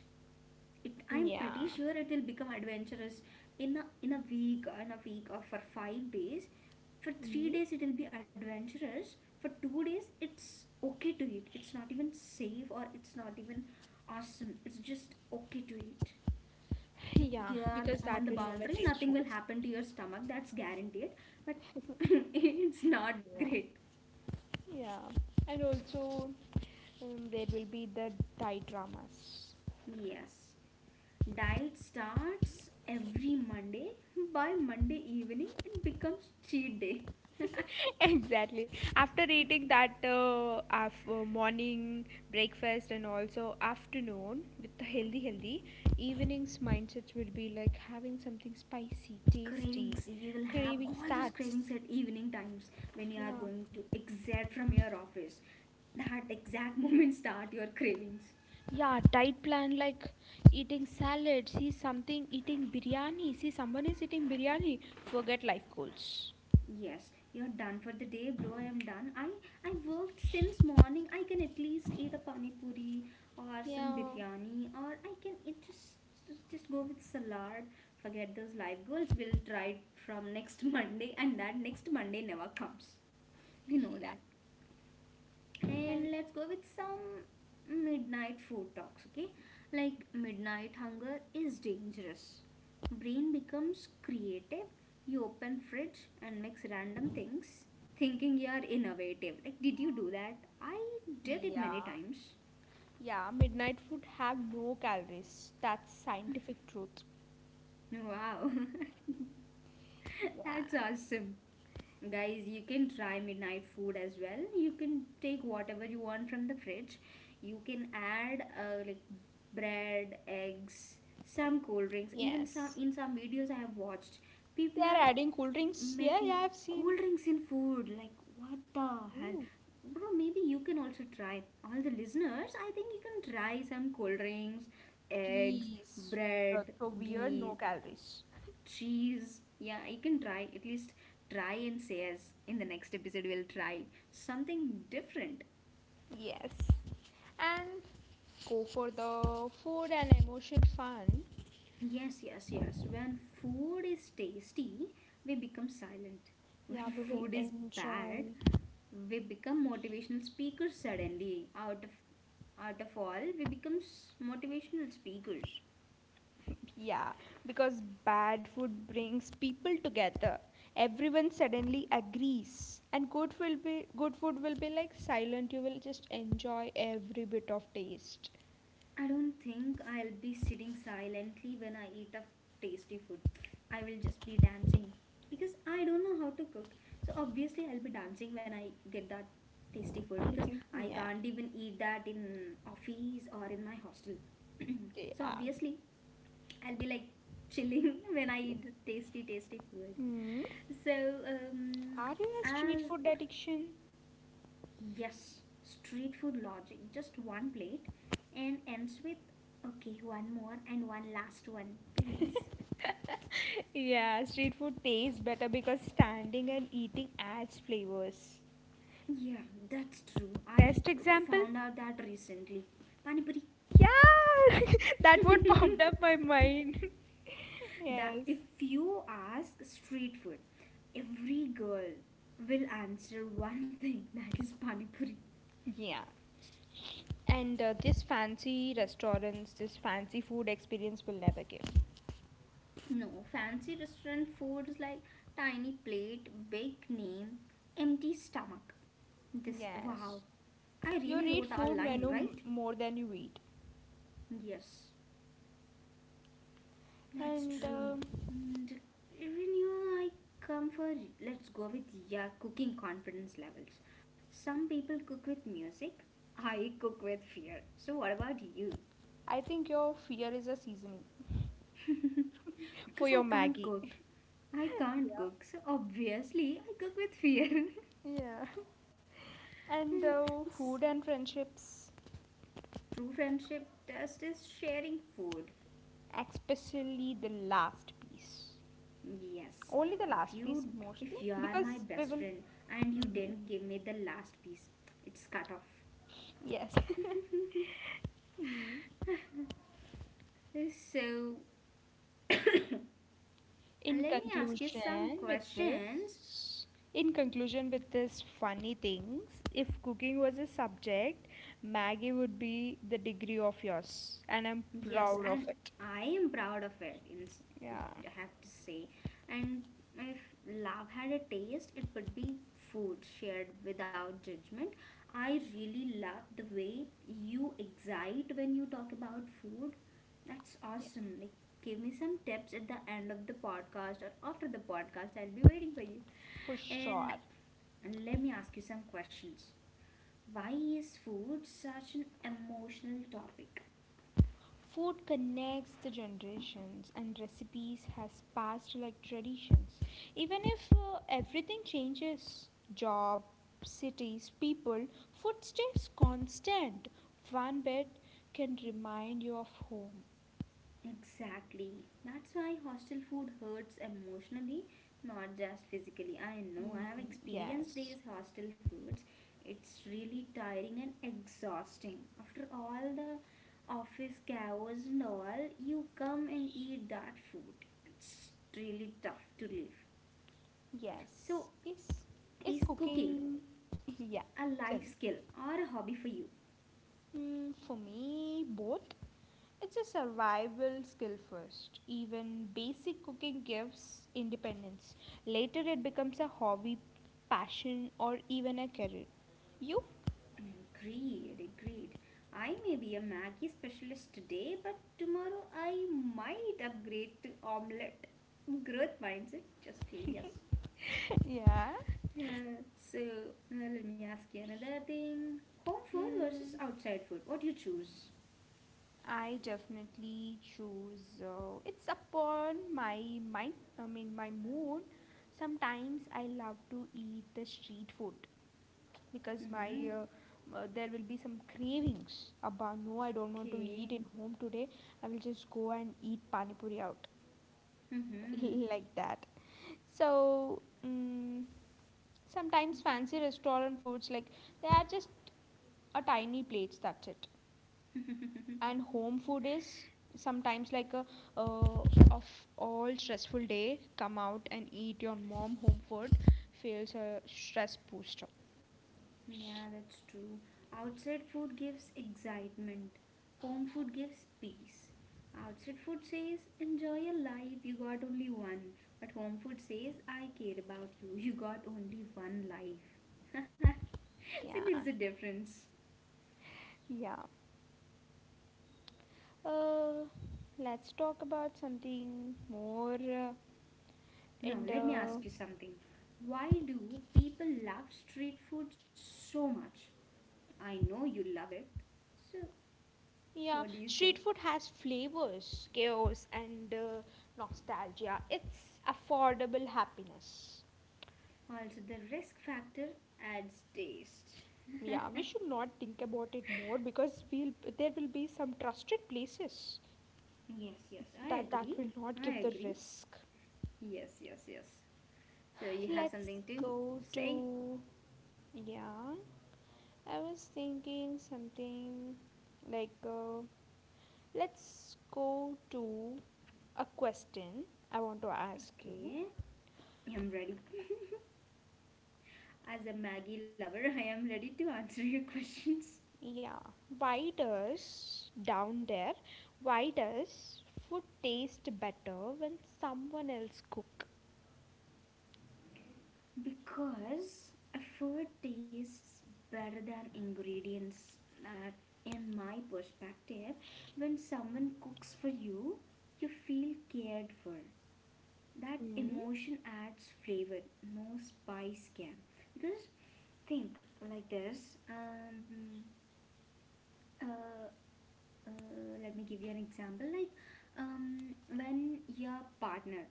it, I'm pretty Yeah. sure it will become adventurous in a week, or for 5 days. For three Hmm. days, it will be adventurous. For 2 days, it's okay to eat. It's not even safe or it's not even awesome. It's just okay to eat. Like Yeah, you are because on that the will never boundary, taste nothing so will bad. happen to your stomach. That's guaranteed. But (laughs) (laughs) it's not Yeah. great. Yeah. And also, there will be the Thai dramas. Yes. Diet starts every Monday. By Monday evening, it becomes cheat day. (laughs) Exactly. After eating that, af- morning breakfast and also afternoon with the healthy evenings, mindsets will be like having something spicy tasty. Cravings, you will have Craving all those starts. cravings at evening times when you are Yeah, going to exit from your office. That exact (laughs) moment start your cravings. yeah, diet plan like eating salad, see something, eating biryani, see someone is eating biryani, forget life goals. Yes, you're done for the day, bro. I am done. I worked since morning. I can at least eat a pani puri or some Yeah. biryani, or I can eat just go with salad. Forget those life goals, we'll try it from next (laughs) Monday, and that next Monday never comes. We know that. And let's go with some midnight food talks, okay? Like midnight hunger is dangerous. Brain becomes creative. You open fridge and mix random things, thinking you are innovative. Like, did you do that? I did it many Yeah, times. yeah, midnight food have no calories. That's scientific truth. Wow, (laughs) that's awesome. Guys, you can try midnight food as well. You can take whatever you want from the fridge. You can add like bread, eggs, some cold drinks. Even some Yes. in some videos I have watched, They people are are adding cool drinks. Yeah, making yeah, I've seen. cold drinks in food. Like what the hell? Ooh, Bro, maybe you can also try. All the listeners, I think you can try some cold drinks, eggs, please. That's bread, so weird, no ghee, calories. cheese. Yeah, you can try. At least try and say as in the next episode we'll try something different. Yes. And go for the food and emotion fun. Yes, yes, yes. When food is tasty, we become silent. (laughs) Yeah, When we will food is bad, enjoy. we become motivational speakers suddenly. Out of all, we become motivational speakers. Yeah, because bad food brings people together. Everyone suddenly agrees, and good will be good food will be like silent. You will just enjoy every bit of taste. I don't think I'll be sitting silently when I eat a tasty food. I will just be dancing because I don't know how to cook. So obviously I'll be dancing when I get that tasty food because (laughs) I Yeah, can't even eat that in office or in my hostel. (clears throat) So yeah. obviously I'll be like chilling (laughs) when I eat the tasty tasty food. Hmm. So um, Are you a street as food addiction? yes, street food logic. Just one plate and ends with, okay, one more and one last one, please. (laughs) Yeah, street food tastes better because standing and eating adds flavors. Yeah, that's true. I Best example? found out that recently. Pani puri. Yeah, (laughs) that (laughs) what popped up my mind. (laughs) That Yes. if you ask street food, every girl will answer one thing, (laughs) that is pani puri. Yeah. And this fancy restaurants, this fancy food experience will never give. No, fancy restaurant food is like tiny plate, big name, empty stomach. This Yes. wow, I You really read wrote our food line, menu right? m- more than you eat. Yes. That's And true. And even you, I come for let's go with your cooking confidence levels. Some people cook with music, I cook with fear. So, what about you? I think your fear is a seasoning for Because I your can't Maggie. (laughs) cook. I can't Yeah. cook, so obviously I cook with fear. Yeah. And (laughs) though It's- food and friendships, True friendship test is sharing food. especially the last piece, Yes, only the if last piece you mostly, if you are my because we best will. friend and you Mm, didn't give me the last piece, it's cut off. yes. So (laughs) let in me ask you some conclusion, with questions. this, in conclusion, with this funny things, if cooking was a subject, Maggie would be the degree of yours, and I'm Yes, proud of and it. I am proud of it, in, if Yeah, I have to say. And if love had a taste, it would be food shared without judgment. I really love the way you excite when you talk about food. That's yeah, awesome. Like, give me some tips at the end of the podcast or after the podcast. I'll be waiting for you. for And sure. let me ask you some questions. Why is food such an emotional topic? Food connects the generations, and recipes has passed like traditions. Even if everything changes, job, cities, people, food stays constant. One bit can remind you of home. Exactly. That's why hostel food hurts emotionally, not just physically. I know, I Mm, have experienced yes, these hostel foods. It's really tiring and exhausting. After all the office chaos and all, you come and eat that food. It's really tough to live. So, yes. Is is cooking cooking? (laughs) Yeah. a life Tell me. skill or a hobby for you? Mm, for me, both. It's a survival skill first. Even basic cooking gives independence. Later, it becomes a hobby, passion, or even a career. You? Agreed, agreed. I may be a Maggie specialist today, but tomorrow I might upgrade to omelette. Growth mindset, just yes. Yeah. Yeah, so let me ask you another thing. Home food versus Mm, outside food. What do you choose? I definitely choose. It's upon my mind. I mean, my mood. Sometimes I love to eat the street food, because my Mm-hmm. There will be some cravings about, no, I don't want to eat Okay. in home today. I will just go and eat pani puri out. Mm-hmm. (laughs) Like that. So mm sometimes fancy restaurant foods, like, they are just a tiny plates, that's it. And home food is sometimes like a, of all stressful day, come out and eat your mom home food, feels a stress booster. Yeah, that's true. Outside food gives excitement, home food gives peace. Outside food says, enjoy your life, you got only one. But home food says, I care about you, (laughs) you got only one life. (laughs) See, Yeah, there's a difference. yeah. Uh, let's talk about something more Now, and let me ask you something. Why do people love street food so much? I know you love it. So, yeah, what do you say? street food has flavors, chaos, and nostalgia. It's affordable happiness. Also, the risk factor adds taste. Yeah, we should not think about it more because we'll, there will be some trusted places Yes, yes, I that agree. will not give I the agree. risk. Yes, yes, yes. So you have Let's something to go say? to, yeah. I was thinking something like let's go to a question I want to ask you. Okay, I'm ready. As a Maggie lover, (laughs) I am ready to answer your questions. Yeah, why does down there, why does food taste better when someone else cook? Because effort tastes better than ingredients. That, in my perspective, when someone cooks for you, you feel cared for. That Hmm? emotion adds flavor, no spice can. Because think like this uh, let me give you an example like when your partner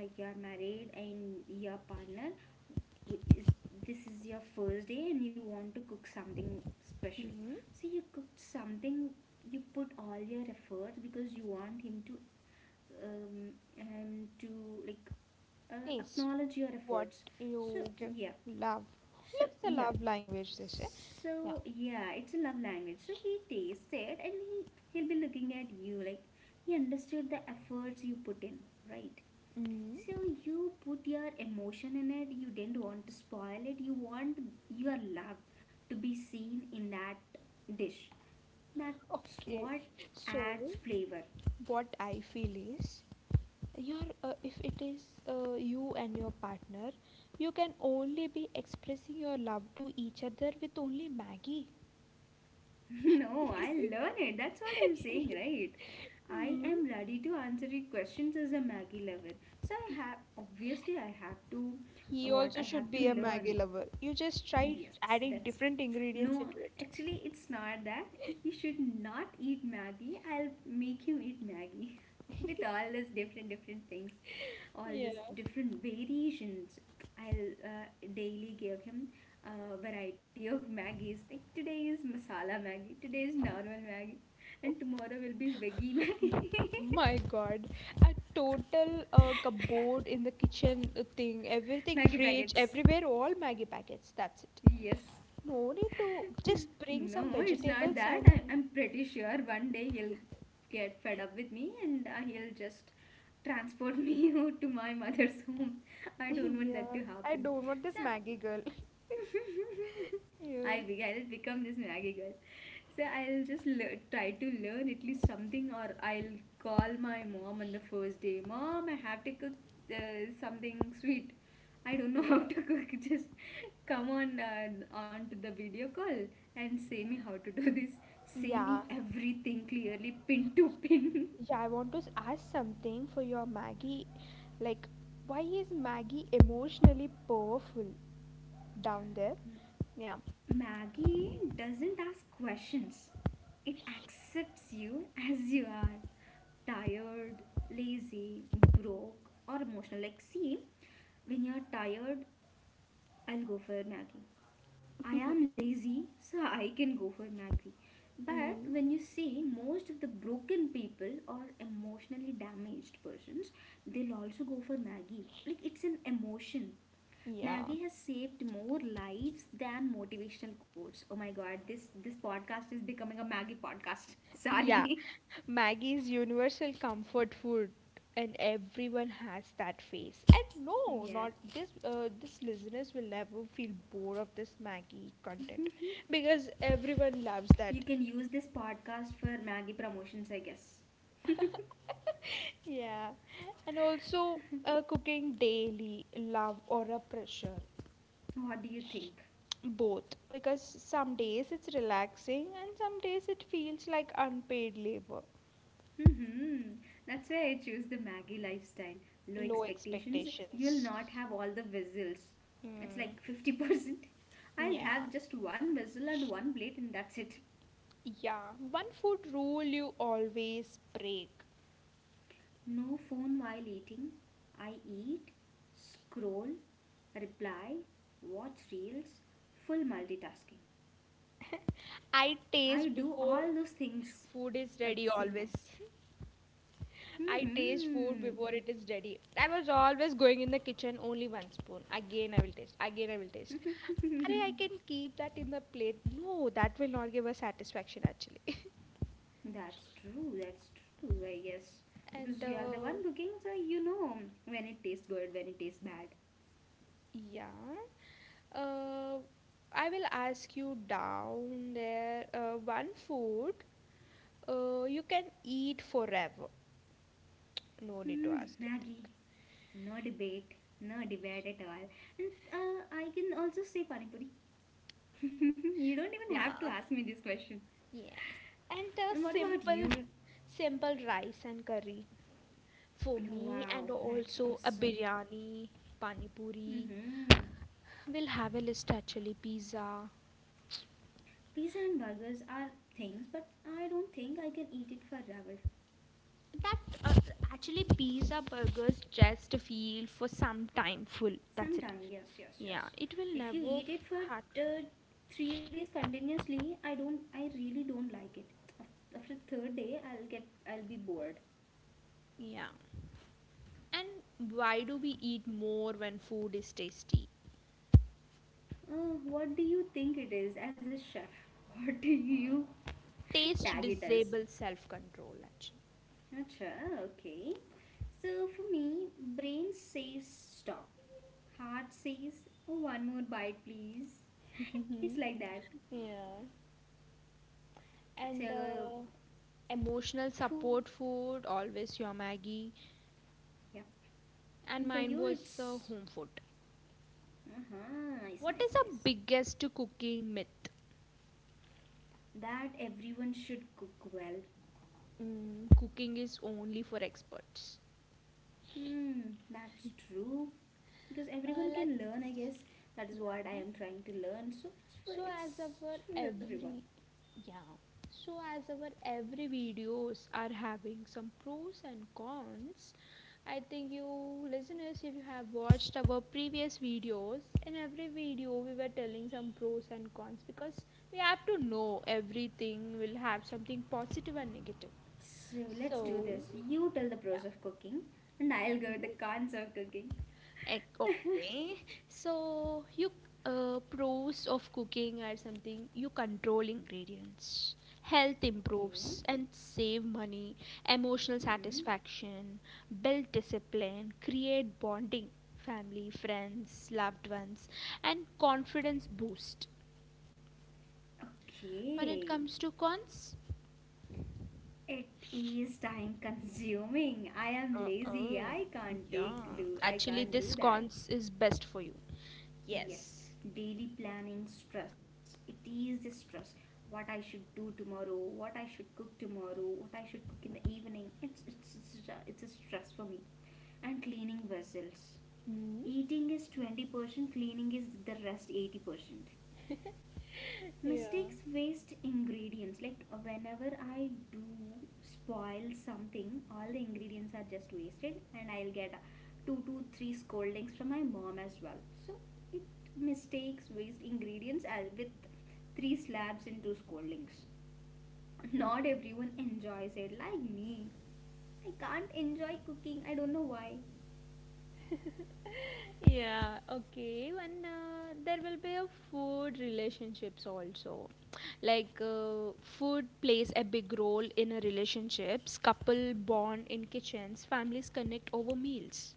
like you are married and your partner is this is your first day and you want to cook something special Hmm. so you cooked something you put all your efforts because you want him to him to like Taste acknowledge your what efforts so you give. yeah Love. so It's a yeah love language, they say. Yeah. So yeah, it's a love language. So he tastes it and he'll be looking at you like he understood the efforts you put in, right? Mm, So you put your emotion in it. You didn't want to spoil it. You want your love to be seen in that dish. That's okay. what So, adds flavor. what I feel is your if it is you and your partner, you can only be expressing your love to each other with only maggie. (laughs) No, I learn it. That's what I'm saying, right? I Hmm. am ready to answer your questions as a Maggie lover. So I have, obviously I have to, He what also I should have to be a maggie learn. lover. You just try Yes, adding that's it. different ingredients No, into it. actually it's not that he should not eat Maggie. I'll make him eat Maggie (laughs) with all these different different things, all Yeah. these different variations. I'll daily give him a variety of Maggies. Like today is masala Maggie, today is normal Maggie, and tomorrow will be veggie Maggie. My god, a total cupboard in the kitchen, thing, (laughs) everything, Maggie fridge, packets. everywhere, all maggie packets, that's it. Yes. No need to just bring No, some it's not vegetables that. and I'm pretty sure one day he'll get fed up with me and he'll just transport me (laughs) to my mother's home. I don't (laughs) want that yeah, to I happen. don't want this So, Maggie girl. (laughs) (laughs) Yeah. I'll become this Maggie girl. So I'll just lear try to learn at least something, or I'll call my mom on the first day. Mom, I have to cook something sweet. I don't know Yeah. (laughs) how to cook. Just come on onto the video call and say me how to do this. Say Yeah, me everything clearly, pin to pin. yeah I want to ask something for your Maggie. Like, why is Maggie emotionally powerful down there? Yeah. (laughs) Maggie doesn't ask questions. It accepts you as you are. Tired, lazy, broke, or emotional. Like, see, when you're tired, I'll go for Maggie. I am lazy, so I can go for Maggie. But Mm. when you see most of the broken people or emotionally damaged persons, they'll also go for Maggie. Like, it's an emotion. Yeah. Maggie has saved more lives than motivational quotes. Oh my god, this podcast is becoming a Maggie podcast. (laughs) Yeah. Sorry. (laughs) Maggie is universal comfort food, and everyone has that face. And no, Yeah. not this. This listeners will never feel bored of this Maggie content because everyone loves You that. can use this podcast for Maggie promotions, I guess. (laughs) Yeah. And also cooking daily, love or a pressure, What do you think? both. Because some days it's relaxing, and some days it feels like unpaid labor, Hmm. That's why I choose the Maggie lifestyle. Low low expectations, you'll expectations. not have all the whistles. It's Mm, like 50%. (laughs) I'll yeah. have just one whistle and one plate, and that's it. Yeah, one food rule you always break. No phone while eating. I eat, scroll, reply, watch reels, full multitasking. I I taste do before all those things food is at the ready same always. time. (laughs) I taste food Hmm. before it is ready. I was always going in the kitchen only one spoon. Again I will taste. Again I will taste. Arey, I can keep that in the plate. No, that will not give us satisfaction actually. (laughs) That's true, I guess. and Because you are the one cooking, so you know when it tastes good, when it tastes bad. yeah. Uh, I will ask you down there one food you can eat forever. No need to Hmm, ask, I Maggie, think. no debate, no debate at all. And I can also say Panipuri. (laughs) You don't even have to Yeah. ask me this question. Yes. And And what about you? Simple rice and curry for me, Wow, and that's also a awesome. biryani, pani puri. Hmm. We'll have a list actually, pizza. Pizza and burgers are things, but I don't think I can eat it forever. That, uh, actually pizza burgers just feel for some time full. That's it. Sometimes yes, yes, Yeah, yes. it will If you never eat it for hurt. uh, 3 days continuously, I really don't like it. After third day, I'll be bored. Yeah. And why do we eat more when food is tasty? What do you think it is as a chef? (laughs) What do you Taste tag it as? disables self control, actually. Acha, okay. So for me, brain says stop. Heart says, "Oh, one more bite, please." (laughs) It's Mhm. like that. Yeah. And So, emotional phew, support food, always your Maggie. yeah. And And for mine you, was it's home food. uh-huh, nice, What is nice, the nice. biggest cooking myth? That everyone should cook well. Mm. Cooking is only for experts. Hmm, that's true, because everyone can Let's. learn. I guess that is what I Yeah. am trying to learn. So it's for So as it's our for everyone. every yeah, so as our every videos are having some pros and cons, I think you listeners, if you have watched our previous videos, in every video we were telling some pros and cons because we have to know everything will have something positive and negative. So let's do So this. You tell the yeah. pros of cooking, and I'll go with the cons of cooking. Egg, okay. So you, pros of cooking or something, you control ingredients, health Okay. improves and save money, emotional Mm-hmm. satisfaction, build discipline, create bonding, family, friends, loved ones, and confidence boost. When it Okay. comes to cons, It is time consuming. I am Uh, oh, lazy. I can't yeah, take do. I actually can't this do that. cons is best for you. Yes, Yes. daily planning stress. It is a stress. What I should do tomorrow, what I should cook tomorrow, what I should cook in the evening. It's a stress for me. And cleaning vessels. Hmm. Eating is 20%, cleaning is the rest 80%. Yeah. Mistakes waste ingredients like Whenever I do spoil something, all the ingredients are just wasted, and I'll get 2 to 3 scoldings from my mom as well. So it, mistakes waste ingredients, as with 3 slabs and 2 scoldings. Not everyone enjoys it like me. I can't enjoy cooking, I don't know why. Yeah, okay. And there will be a food relationships also. Like, food plays a big role in a relationships. Couple bond in kitchens. Families connect over meals.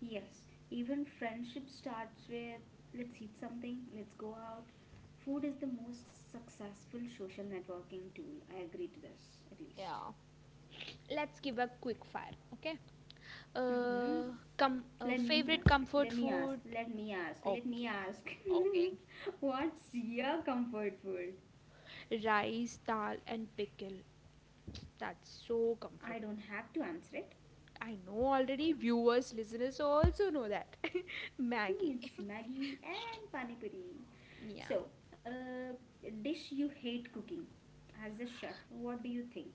Yes, even friendship starts with let's eat something, let's go out. Food is the most successful social networking tool. I agree to this, at least. Yeah. Let's give a quick fire. Okay. Mm-hmm. Uh, com Let me favorite ask, comfort let me ask, food. let me ask, let Okay. me ask. Okay. (laughs) What's your comfort food? Rice, dal, and pickle. That's so I comfortable. don't have to answer it. I know already, viewers, listeners also know that. (laughs) (laughs) Maggie. It's Maggie and Pani Puri. (laughs) Yeah. So, uh, dish you hate cooking. As a chef, what do you think?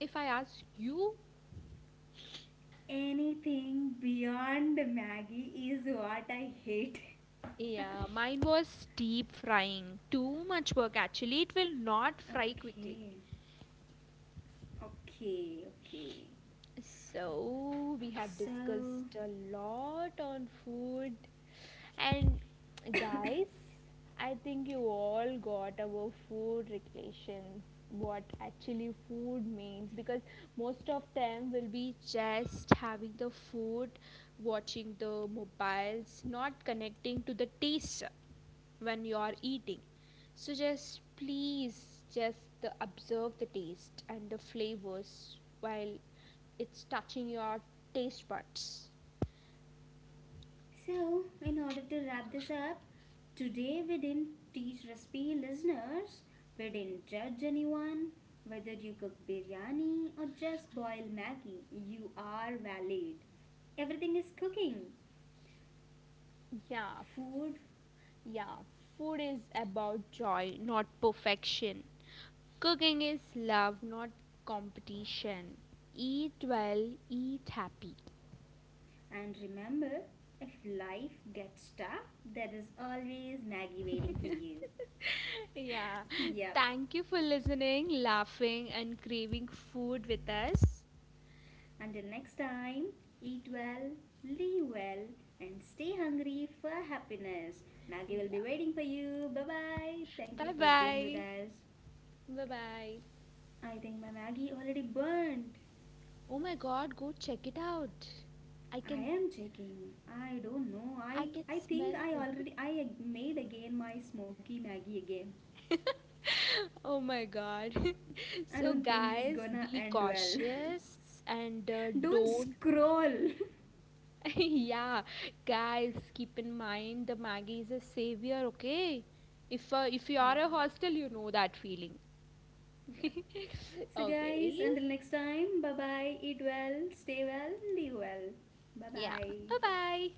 If I ask you, Anything beyond Maggie is what I hate. (laughs) yeah, mine was deep frying. Too much work actually. It will not fry quickly. Okay, okay, okay. So, we have So, discussed a lot on food, and guys, I think you all got our food regulations, what actually food means, because most of them will be just having the food, watching the mobiles, not connecting to the taste when you are eating. So just please just observe the taste and the flavors while it's touching your taste buds. so, in order to wrap this up, today we didn't teach recipe listeners, we didn't judge anyone. Whether you cook biryani or just boil Maggie, you are valid. Everything is cooking, Yeah, food, yeah. Food is about joy, not perfection. Cooking is love, not competition. Eat well, eat happy. and remember, if life gets tough, there is always Maggie waiting for (laughs) you. Yeah. Yep. Thank you for listening, laughing, and craving food with us. Until next time, eat well, live well, and stay hungry for happiness. Maggie will Yeah. be waiting for you. Bye bye. Thank you Bye for being with bye. us. Bye bye. I think my Maggie already burnt. Oh my god, go check it out. I I can, am checking. I don't know. I I can I think smell I it. already I made again my smoky Maggie again. (laughs) Oh my god. (laughs) I So don't think this is guys, gonna be end well. cautious and (laughs) Don't don't, scroll. (laughs) yeah, guys, keep in mind the Maggie is a savior, okay? If you (laughs) Yeah, are a hostel, you know that feeling. yeah. (laughs) So, guys, Okay. until next time, bye bye. Eat well, stay well, live well. Bye Yeah. bye. Bye-bye.